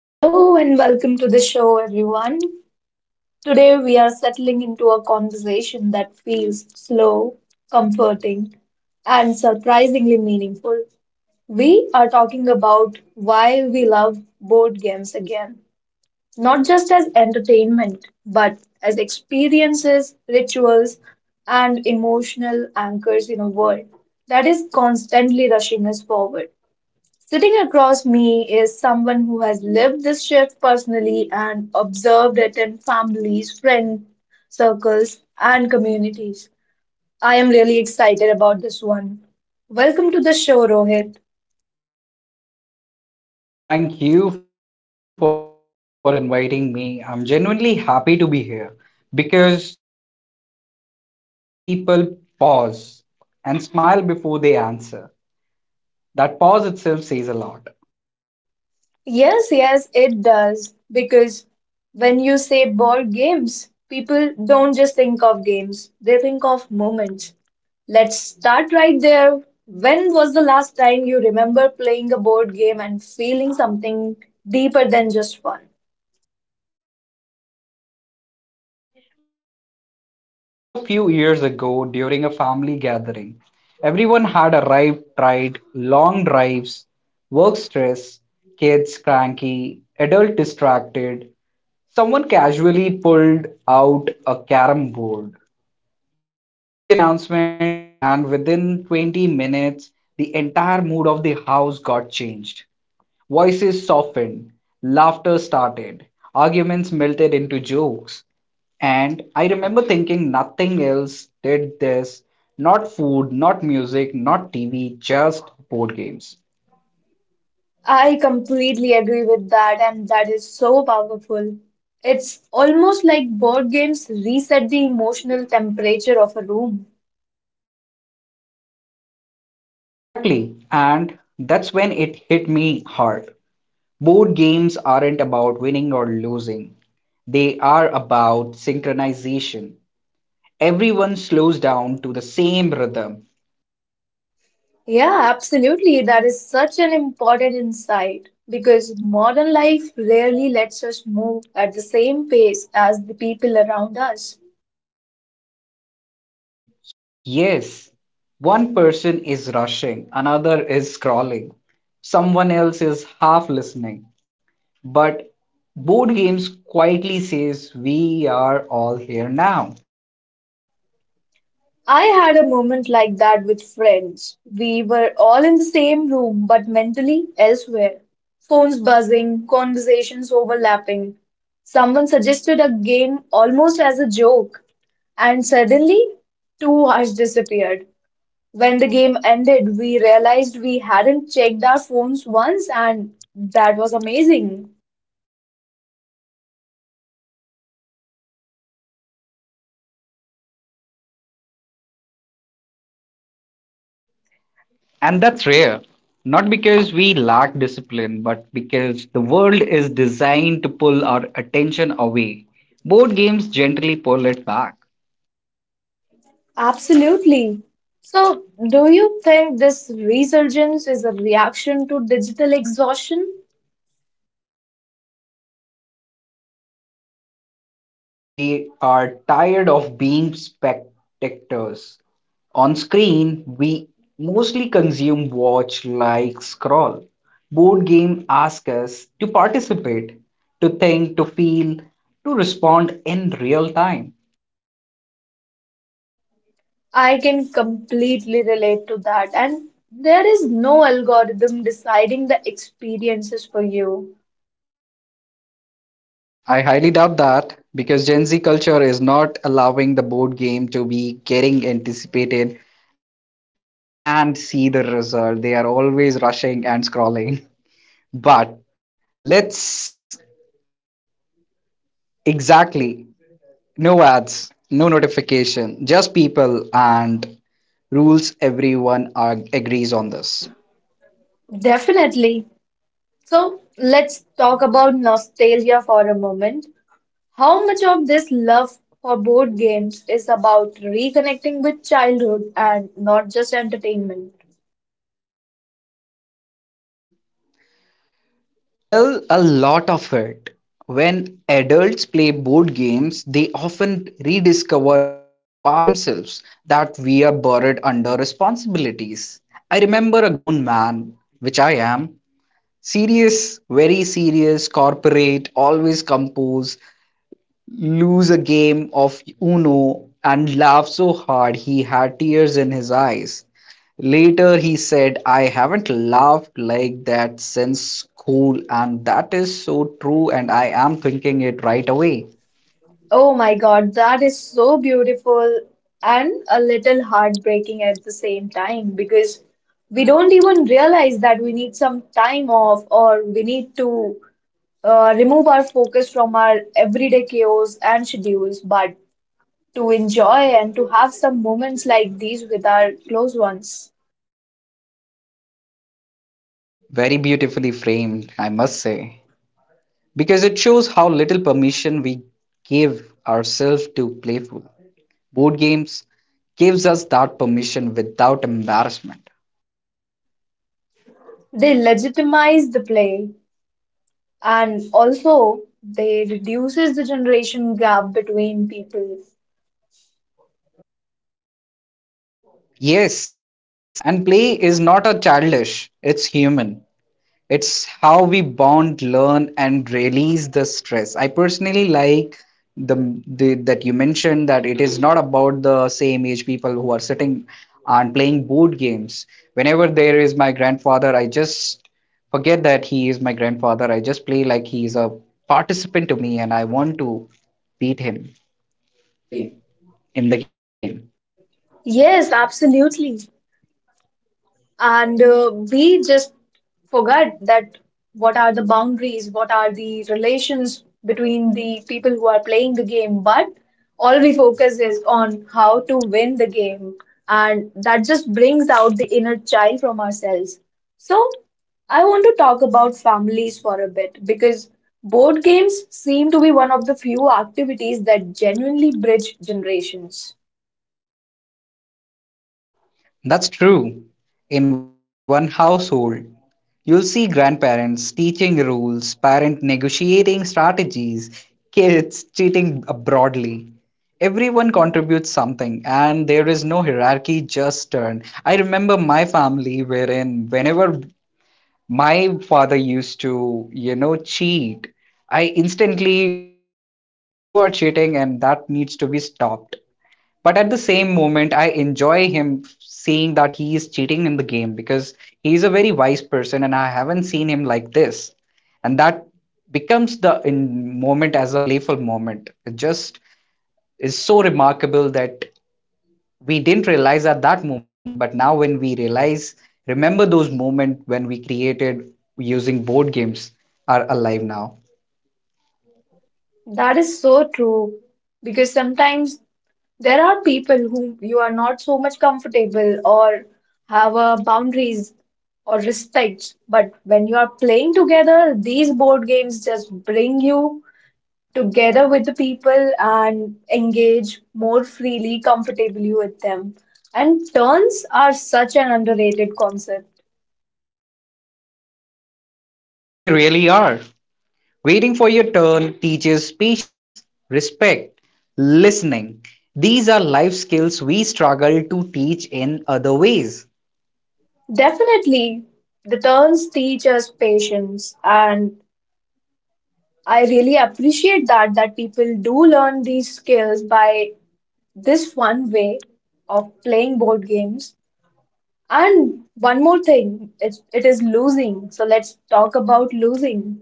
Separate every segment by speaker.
Speaker 1: Hello and welcome to the show, everyone. Today we are settling into a conversation that feels slow, comforting, and surprisingly meaningful. We are talking about why we love board games again, not just as entertainment, but as experiences, rituals, and emotional anchors in a world that is constantly rushing us forward. Sitting across me is someone who has lived this shift personally and observed it in families, friend circles, and communities. I am really excited about this one. Welcome to the show, Rohit.
Speaker 2: Well, thank you for inviting me. I'm genuinely happy to be here because this topic always makes people pause and smile before they answer. That pause itself says a lot.
Speaker 1: Yes, yes, it does. Because when you say board games, people don't just think of games, they think of moments. Let's start right there. When was the last time you remember playing a board game and feeling something deeper than just fun?
Speaker 2: Honestly, it was a few years ago during a family gathering. Everyone had arrived tired, long drives, work stress, kids cranky, adult distracted, someone casually pulled out a carom board. No big announcement, and within 20 minutes, the entire mood of the house got changed. Voices softened, laughter started, arguments melted into jokes. And I remember thinking nothing else did this, not food, not music, not TV, just board games.
Speaker 1: I completely agree with that, and that is so powerful. It's almost like board games reset the emotional temperature of a room.
Speaker 2: Exactly. And that's when it hit me hard. Board games aren't about winning or losing, they are about synchronization. Everyone slows down to the same rhythm.
Speaker 1: Yeah, absolutely. That is such an important insight because modern life rarely lets us move at the same pace as the people around us.
Speaker 2: Yes, one person is rushing, another is scrolling, someone else is half listening. But board games quietly says we are all here now.
Speaker 1: I had a moment like that with friends. We were all in the same room, but mentally elsewhere. Phones buzzing, conversations overlapping. Someone suggested a game almost as a joke, and suddenly, 2 hours disappeared. When the game ended, we realized we hadn't checked our phones once, and that was amazing.
Speaker 2: And that's rare. Not because we lack discipline, but because the world is designed to pull our attention away. Board games gently pull it back.
Speaker 1: Absolutely. So, do you think this resurgence is a reaction to digital exhaustion?
Speaker 2: Hell yes. We are tired of being spectators. On screen, we mostly consume, watch, like, scroll. Board game asks us to participate, to think, to feel, to respond in real time.
Speaker 1: I can completely relate to that, and there is no algorithm deciding the experiences for you.
Speaker 2: I highly doubt that because Gen Z culture is not allowing the board game to be getting anticipated and see the result. They are always rushing and scrolling. But let's exactly no ads, no notification, just people and rules. Everyone are, agrees on this.
Speaker 1: Definitely. So, let's talk about nostalgia for a moment. How much of this love for board games is about reconnecting with childhood and not just entertainment?
Speaker 2: Well, a lot of it. When adults play board games, they often rediscover parts of themselves that we are buried under responsibilities. I remember a grown man, which I am, serious, very serious, corporate, always composed, lose a game of Uno and laughed so hard he had tears in his eyes. Later, he said, I haven't laughed like that since school, and that is so true, and I am thinking it right away.
Speaker 1: Oh my God, that is so beautiful and a little heartbreaking at the same time because we don't even realize that we need some time off or we need to remove our focus from our everyday chaos and schedules, but to enjoy and to have some moments like these with our close ones.
Speaker 2: Very beautifully framed, I must say, because it shows how little permission we give ourselves to playful. Board games gives us that permission without embarrassment.
Speaker 1: They legitimize the play, and also, they reduces the generation gap between people.
Speaker 2: Yes, and play is not a childish, it's human. It's how we bond, learn, and release the stress. I personally like the that you mentioned that it is not about the same age people who are sitting and playing board games. Whenever there is my grandfather, I just forget that he is my grandfather. I just play like he is a participant to me, and I want to beat him in the game.
Speaker 1: Yes, absolutely. And we just forget that what are the boundaries, what are the relations between the people who are playing the game, but all we focus is on how to win the game. And that just brings out the inner child from ourselves. So, I want to talk about families for a bit because board games seem to be one of the few activities that genuinely bridge generations.
Speaker 2: That's true. In one household, you'll see grandparents teaching rules, parent negotiating strategies, kids cheating broadly. Everyone contributes something, and there is no hierarchy, just turn. I remember my family, wherein whenever my father used to, you know, cheat, I instantly say that you are cheating and that needs to be stopped. But at the same moment, I enjoy him seeing that he is cheating in the game because he's a very wise person and I haven't seen him like this. And that becomes the in moment as a playful moment. It just is so remarkable that we didn't realize at that moment, but now when we realize, remember those moments when we created using board games are alive now.
Speaker 1: That is so true because sometimes there are people whom you are not so much comfortable or have boundaries or respect, but when you are playing together, these board games just bring you together with the people and engage more freely, comfortably with them. And turns are such an underrated concept.
Speaker 2: They really are. Waiting for your turn teaches patience, respect, listening. These are life skills we struggle to teach in other ways.
Speaker 1: Definitely, the turns teach us patience, and I really appreciate that that people do learn these skills by this one way of playing board games. And one more thing, it is losing. So let's talk about losing.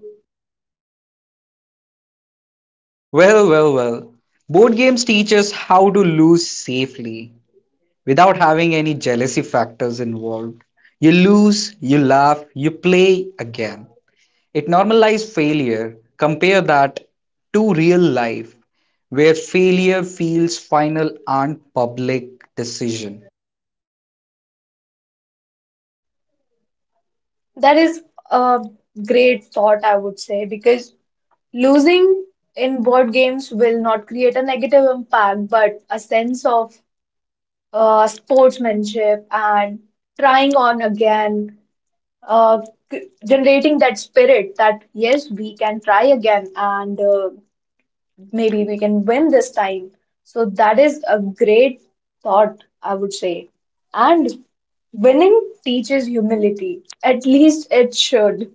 Speaker 2: Well, well, well. Board games teach us how to lose safely without having any jealousy factors involved. You lose, you laugh, you play again. It normalizes failure. Compare that to real life where failure feels final and public decision.
Speaker 1: That is a great thought, I would say, because losing in board games will not create a negative impact, but a sense of sportsmanship and trying on again uh, generating that spirit that yes, we can try again, and maybe we can win this time. So that is a great thought, I would say. And winning teaches humility. At least it should.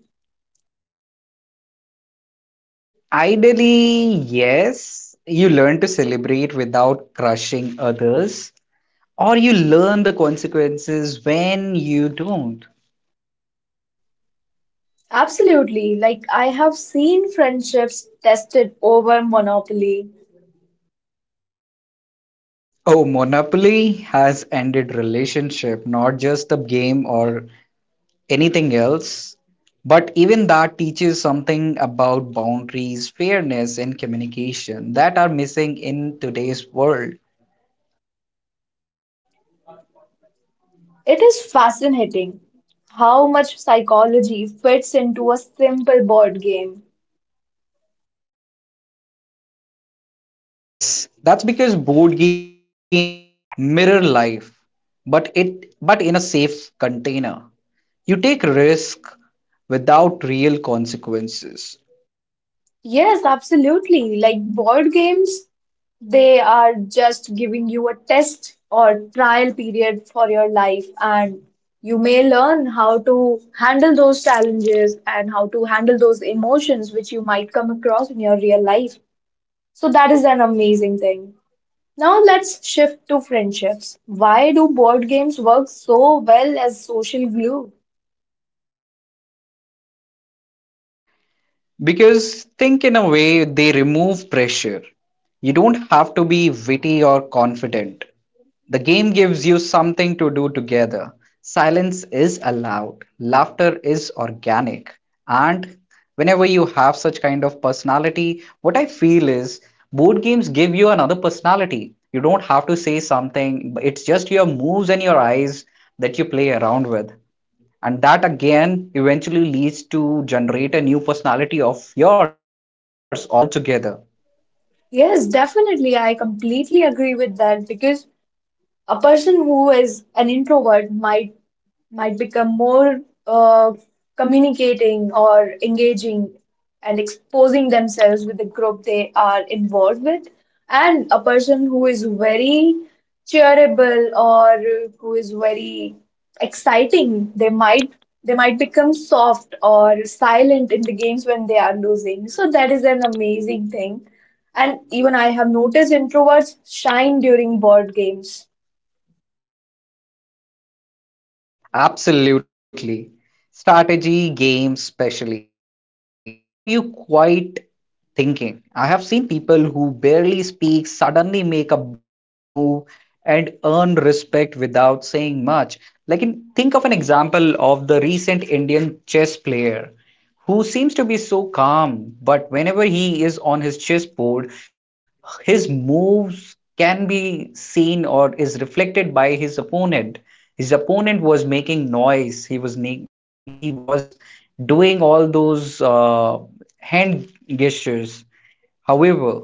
Speaker 2: Ideally, yes, you learn to celebrate without crushing others, or you learn the consequences when you don't.
Speaker 1: Absolutely. Like I have seen friendships tested over Monopoly.
Speaker 2: Oh, Monopoly has ended relationship, not just the game or anything else, but even that teaches something about boundaries, fairness, and communication that are missing in today's world.
Speaker 1: It is fascinating how much psychology fits into a simple board game.
Speaker 2: Yes, that's because board games mirror life, but it but in a safe container. You take risk without real consequences.
Speaker 1: Yes, absolutely. Like board games, they are just giving you a test or trial period for your life, and you may learn how to handle those challenges and how to handle those emotions which you might come across in your real life. So, that is an amazing thing. Now, let's shift to friendships. Why do board games work so well as social glue?
Speaker 2: Because think in a way they remove pressure. You don't have to be witty or confident. The game gives you something to do together. Silence is allowed, laughter is organic. And whenever you have such kind of personality, what I feel is board games give you another personality. You don't have to say something, but it's just your moves and your eyes that you play around with. And that again eventually leads to generate a new personality of yours altogether.
Speaker 1: Yes, definitely. I completely agree with that because a person who is an introvert might become more uh, communicating or engaging and exposing themselves with the group they are involved with, and a person who is very cheerable or who is very exciting, they might they might become soft or silent in the games when they are losing. So that is an amazing thing, and even I have noticed introverts shine during board games.
Speaker 2: Absolutely. Strategy games, especially, they allow you quite thinking. I have seen people who barely speak suddenly make a brilliant move and earn respect without saying much. Like, in, think of an example of the recent Indian chess player who seems to be so calm, but whenever he is on his chessboard, his moves can be seen or is reflected by his opponent. His opponent was making noise. He was doing all those hand gestures. However,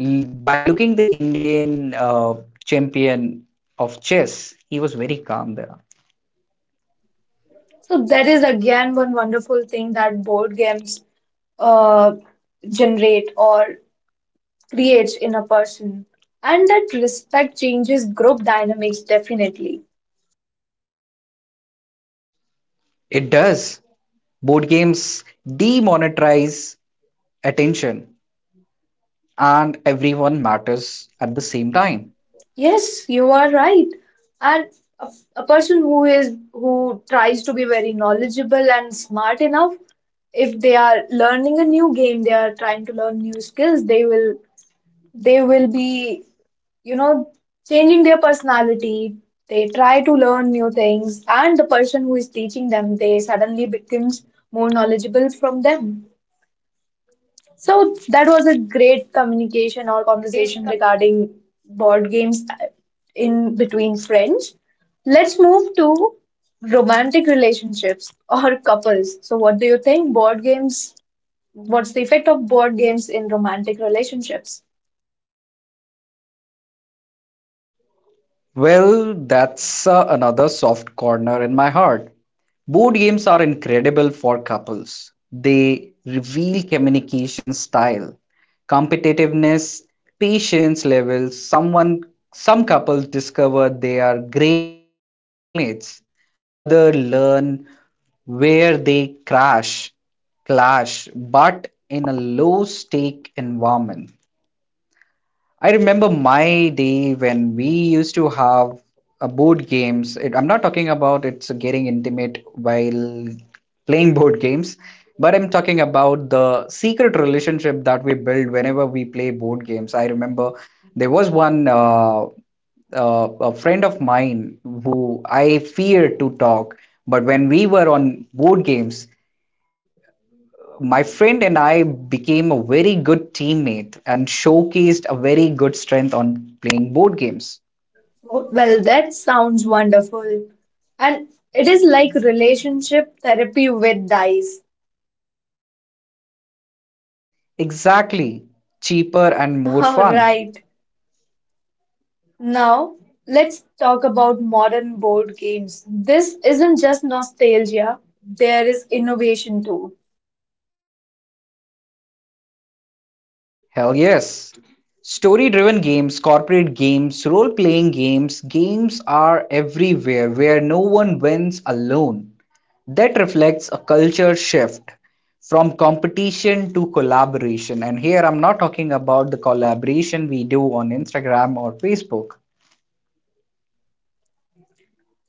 Speaker 2: by looking the Indian champion of chess, he was very calm there.
Speaker 1: So that is again one wonderful thing that board games uh, generate or creates in a person. And that respect changes group dynamics definitely.
Speaker 2: It does. Board games demonetize attention and everyone matters at the same time.
Speaker 1: Yes, you are right. And a, a person who is who tries to be very knowledgeable and smart enough, if they are learning a new game, they are trying to learn new skills, they will be, you know, changing their personality. They try to learn new things, and the person who is teaching them, they suddenly becomes more knowledgeable from them. So that was a great communication or conversation regarding board games in between friends. Let's move to romantic relationships or couples. So what do you think board games, what's the effect of board games in romantic relationships?
Speaker 2: Well, that's another soft corner in my heart. Board games are incredible for couples. They reveal communication style, competitiveness, patience levels. Someone, some couples discover they are great teammates. Other learn where they clash, but in a low stake environment. I remember my day when we used to have board games. It, I'm not talking about it's getting intimate while playing board games, but I'm talking about the secret relationship that we build whenever we play board games. I remember there was one a friend of mine who I feared to talk, but when we were on board games, my friend and I became a very good teammate and showcased a very good strength on playing board games.
Speaker 1: Well, that sounds wonderful. And it is like relationship therapy with dice.
Speaker 2: Exactly. Cheaper and more
Speaker 1: All
Speaker 2: fun.
Speaker 1: right. Now, let's talk about modern board games. This isn't just nostalgia, there is innovation too.
Speaker 2: Hell yes. Story driven games, corporate games, role playing games, games are everywhere where no one wins alone. That reflects a culture shift from competition to collaboration. And here I'm not talking about the collaboration we do on Instagram or Facebook.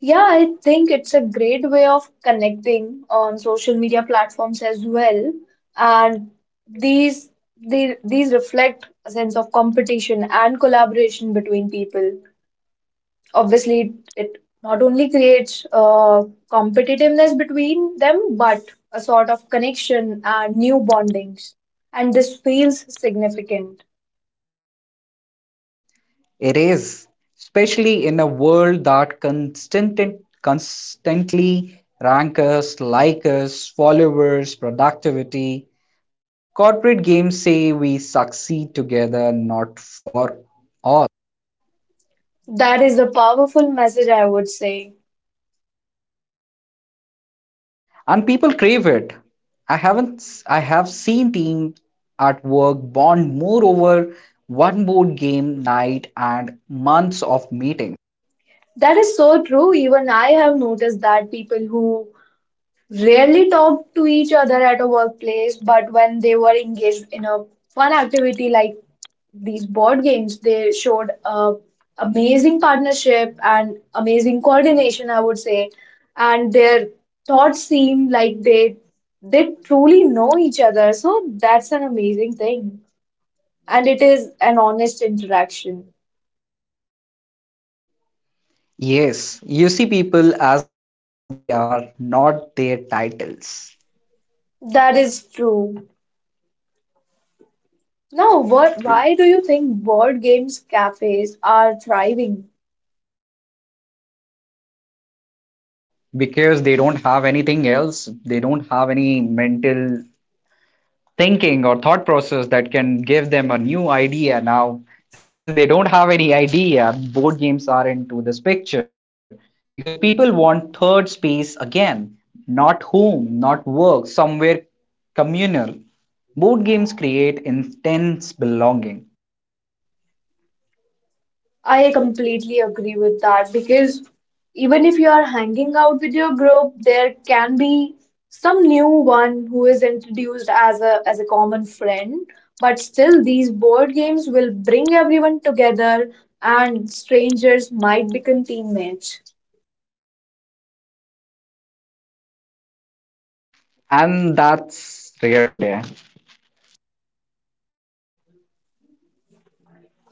Speaker 1: Yeah, I think it's a great way of connecting on social media platforms as well. And these these reflect a sense of competition and collaboration between people. Obviously, it not only creates competitiveness between them, but a sort of connection and new bondings. And this feels significant.
Speaker 2: It is, especially in a world that constantly ranks us, like us, followers, productivity. Corporate games say we succeed together, not for all.
Speaker 1: That is a powerful message, I would say.
Speaker 2: And people crave it. I haven't s- I have seen teams at work bond more over one board game night and months of meeting.
Speaker 1: That is so true. Even I have noticed that people who rarely talked to each other at a workplace, but when they were engaged in a fun activity like these board games, they showed amazing partnership and amazing coordination, I would say. And their thoughts seemed like they truly know each other. So that's an amazing thing. And it is an honest interaction.
Speaker 2: Yes, you see people as they are, not their titles.
Speaker 1: That is true. Now, why do you think board games cafes are thriving?
Speaker 2: Because they don't have anything else. They don't have any mental thinking or thought process that can give them a new idea. Now, since they don't have any idea, board games are into this picture because people want third space again, not home, not work, somewhere communal. Board games create intense belonging.
Speaker 1: I completely agree with that because even if you are hanging out with your group, there can be some new one who is introduced as a common friend, but still these board games will bring everyone together, and strangers might become teammates.
Speaker 2: Exactly. And that's rare today.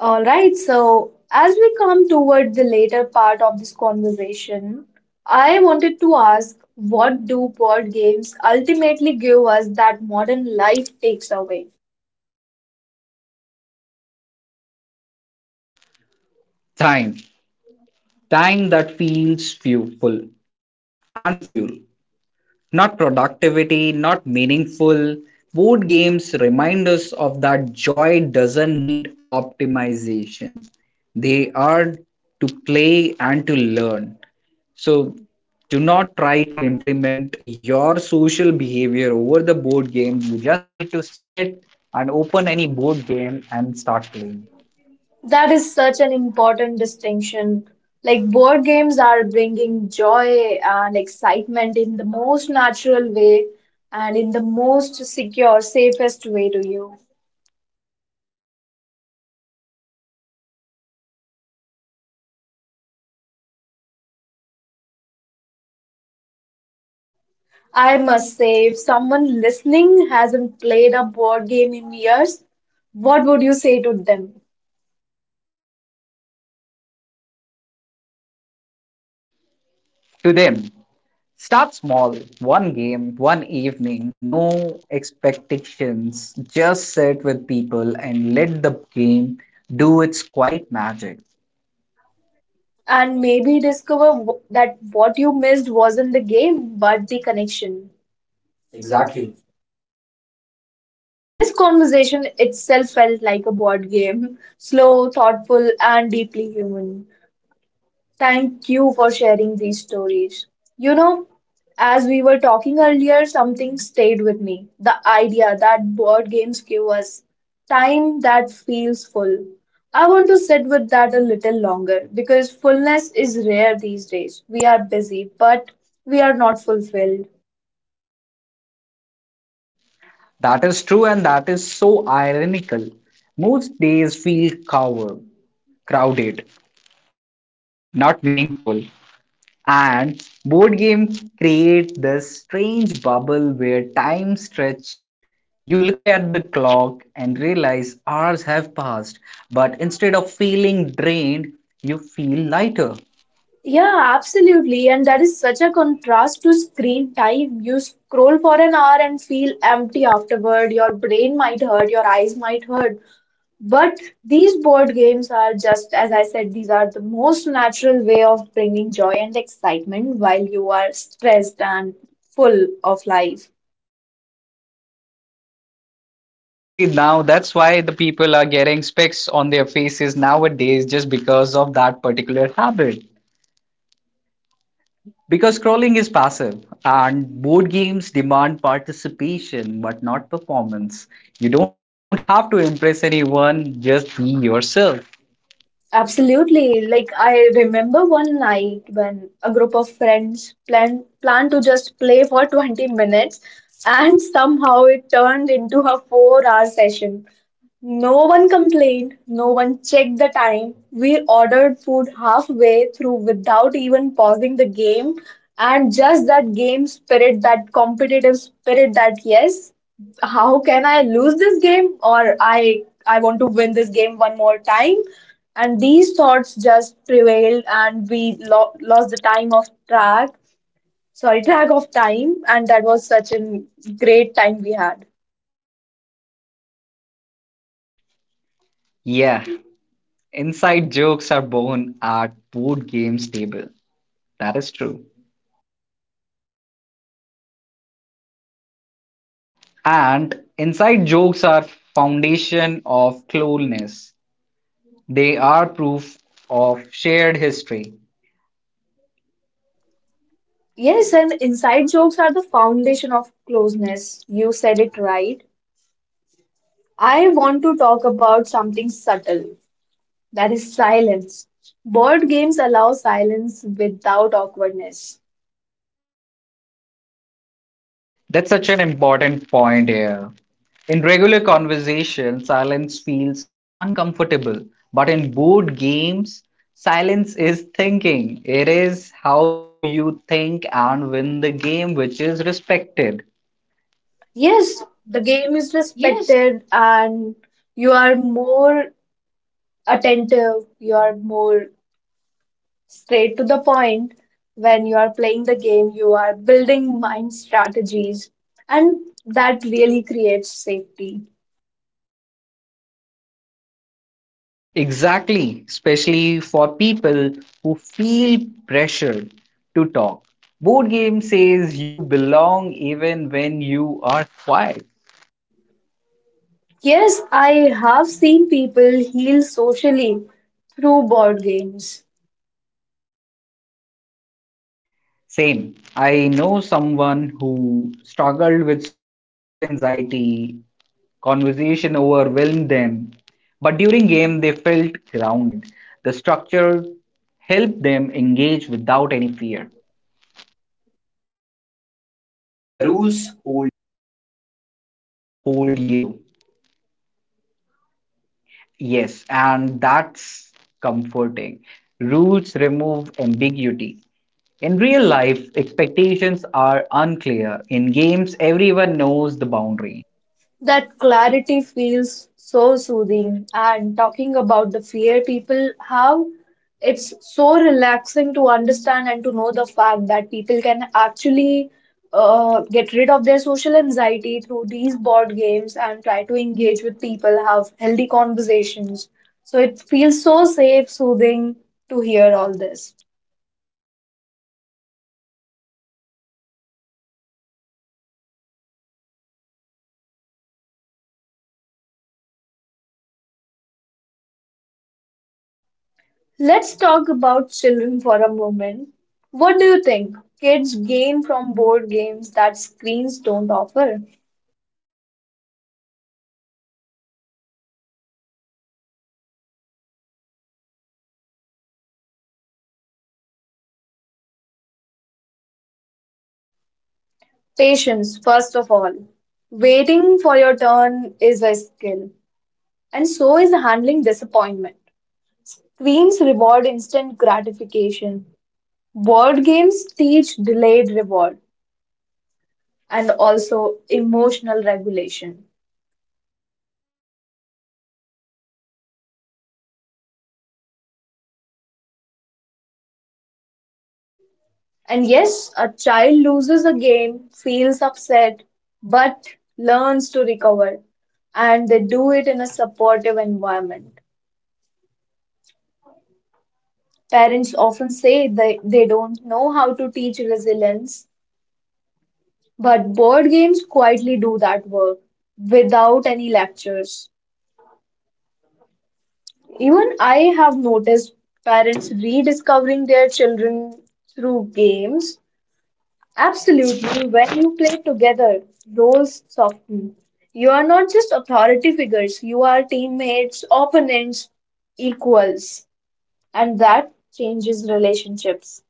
Speaker 1: All right, so as we come toward the later part of this conversation, I wanted to ask, what do board games ultimately give us that modern life takes away?
Speaker 2: Time. Time that feels fuel full and fuel. Not productivity, not meaningful. Board games remind us of that joy doesn't need optimization. They are to play and to learn. So do not try to implement your social behavior over the board game. You just need to sit and open any board game and start playing.
Speaker 1: That is such an important distinction. Like board games are bringing joy and excitement in the most natural way and in the most secure, safest way to you.
Speaker 2: They teach us to be patient, present, playful, and human together.
Speaker 1: I must say, if someone listening hasn't played a board game in years, what would you say to them?
Speaker 2: Well, to them. Start small, one game, one evening, no expectations. Just sit with people and let the game do its quiet magic.
Speaker 1: And maybe discover that what you missed wasn't the game, but the connection. Exactly.
Speaker 2: Exactly.
Speaker 1: This conversation itself felt like a board game, slow, thoughtful, and deeply human. Thank you for sharing these stories. You know, as we were talking earlier, something stayed with me. The idea that board games give us time that feels full. I want to sit with that a little longer because fullness is rare these days. We are busy, but we are not fulfilled.
Speaker 2: That is true and that is so ironical. Most days feel covered, crowded, not meaningful. And board games create this strange bubble where time stretch. You look at the clock and realize hours have passed, but instead of feeling drained, you feel lighter.
Speaker 1: Yeah, absolutely. And that is such a contrast to screen time. You scroll for an hour and feel empty afterward. Your brain might hurt, your eyes might hurt. But these board games are just, as I said, these are the most natural way of bringing joy and excitement while you are stressed and full of life.
Speaker 2: Exactly now, that's why the people are getting specs on their faces nowadays just because of that particular habit. Because scrolling is passive and board games demand participation but not performance. You don't have to impress anyone, just be yourself.
Speaker 1: Absolutely. Like I remember one night when a group of friends planned to just play for 20 minutes, and somehow it turned into a 4-hour session. No one complained, no one checked the time. We ordered food halfway through without even pausing the game. And just that game spirit, that competitive spirit that yes, how can I lose this game, or I want to win this game one more time, and these thoughts just prevailed, and we lost the time of track, sorry, track of time. And that was such a great time we had.
Speaker 2: Yeah, inside jokes are born at board games table. That is true. And inside jokes are foundation of closeness. They are proof of shared history.
Speaker 1: Yes, and inside jokes are the foundation of closeness, you said it right. I want to talk about something subtle, that is silence. Board games allow silence without awkwardness.
Speaker 2: That's such an important point here. In regular conversation, silence feels uncomfortable, but in board games, silence is thinking. It is how you think and win the game, which is respected.
Speaker 1: Yes, the game is respected, and you are more attentive, you are more straight to the point. When you are playing the game, you are building mind strategies, and that really creates safety.
Speaker 2: Exactly, especially for people who feel pressured to talk. Board game says you belong even when you are quiet.
Speaker 1: Yes, I have seen people heal socially through board games.
Speaker 2: Same. I know someone who struggled with social anxiety, conversation overwhelmed them, but during game they felt grounded. The structure helped them engage without any fear.
Speaker 1: The rules hold.
Speaker 2: The rules hold you. Yes, and that's comforting. Rules remove ambiguity. In real life, expectations are unclear. In games, everyone knows the boundary.
Speaker 1: That clarity feels so soothing, and talking about the fear people have, it's so relaxing to understand and to know the fact that people can actually get rid of their social anxiety through these board games and try to engage with people, have healthy conversations. So it feels so safe, soothing to hear all this.
Speaker 2: Oh, it does, especially in uncertain times.
Speaker 1: Let's talk about children for a moment. What do you think kids gain from board games that screens don't offer? Patience, first of all. Waiting for your turn is a skill, and so is handling disappointment. Screens reward instant gratification. Board games teach delayed reward and also emotional regulation. And yes, a child loses a game, feels upset, but learns to recover. And they do it in a supportive environment. Parents often say they don't know how to teach resilience, but board games quietly do that work without any lectures. Even I have noticed parents rediscovering their children through games. Absolutely, when you play together, roles soften. You are not just authority figures, you are teammates, opponents, equals. And that changes relationships.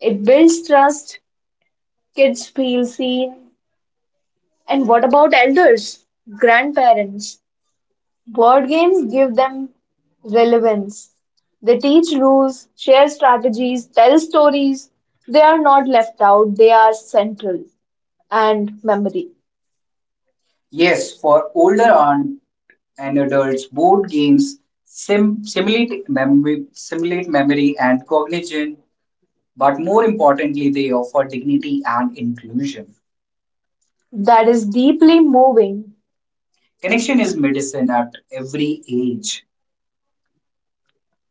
Speaker 1: It builds trust, kids feel seen. And what about elders, grandparents? Board games give them relevance. They teach rules, share strategies, tell stories. They are not left out, they are central, and memory. Yes, for older aunt and adults, board games simulate memory, and cognition, but more importantly, they offer dignity and inclusion. That is deeply moving. Connection is medicine at every age.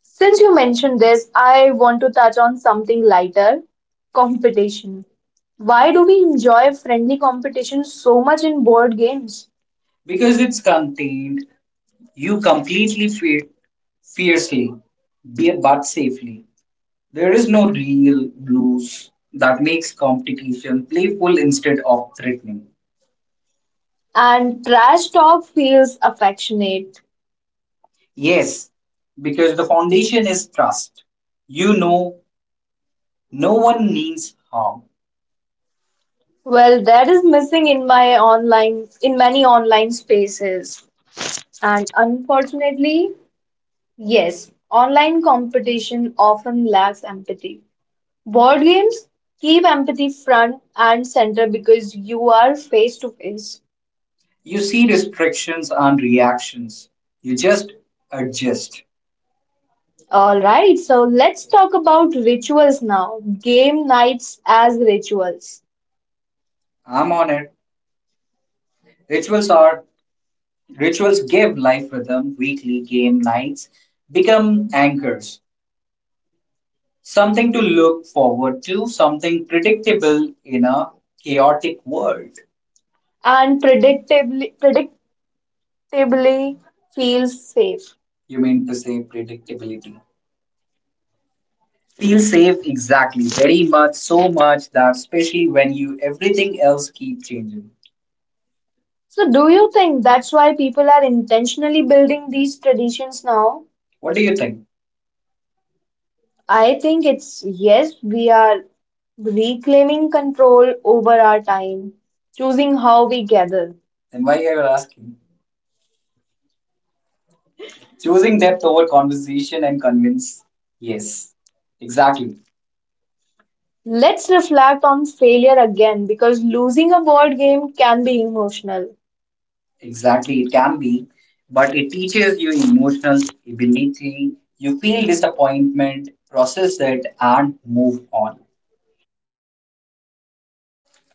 Speaker 1: Since you mentioned this, I want to touch on something lighter, competition. Why do we enjoy friendly competition so much in board games? Because it's contained. You completely fiercely, but safely. There is no real blues that makes competition playful instead of threatening. And trash talk feels affectionate. Yes, because the foundation is trust. You know, no one means harm. Well, that is missing in my online, in many online spaces. And unfortunately, yes, online competition often lacks empathy. Board games keep empathy front and center because you are face to face. You see restrictions and reactions. You just adjust. All right, so let's talk about rituals now. Game nights as rituals. I'm on it. Rituals are rituals give life rhythm. Weekly game nights become anchors. Something to look forward to, something predictable in a chaotic world. And predictably feels safe. You mean to say predictability? Feel safe, exactly. Very much, so much that especially when you everything else keep changing. So do you think that's why people are intentionally building these traditions now? What do you think? I think it's yes, we are reclaiming control over our time, choosing how we gather. Then why are you asking? Choosing depth over conversation and convince. Yes, exactly. Let's reflect on failure again because losing a board game can be emotional. Exactly, it can be, but it teaches you emotional ability. You feel disappointment, process it, and move on.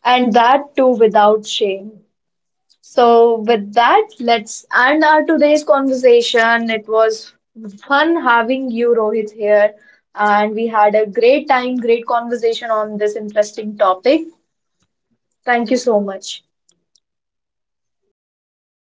Speaker 1: And that too without shame. So, with that, let's end our today's conversation. It was fun having you, Rohit, here, and we had a great time, great conversation on this interesting topic. Thank you so much.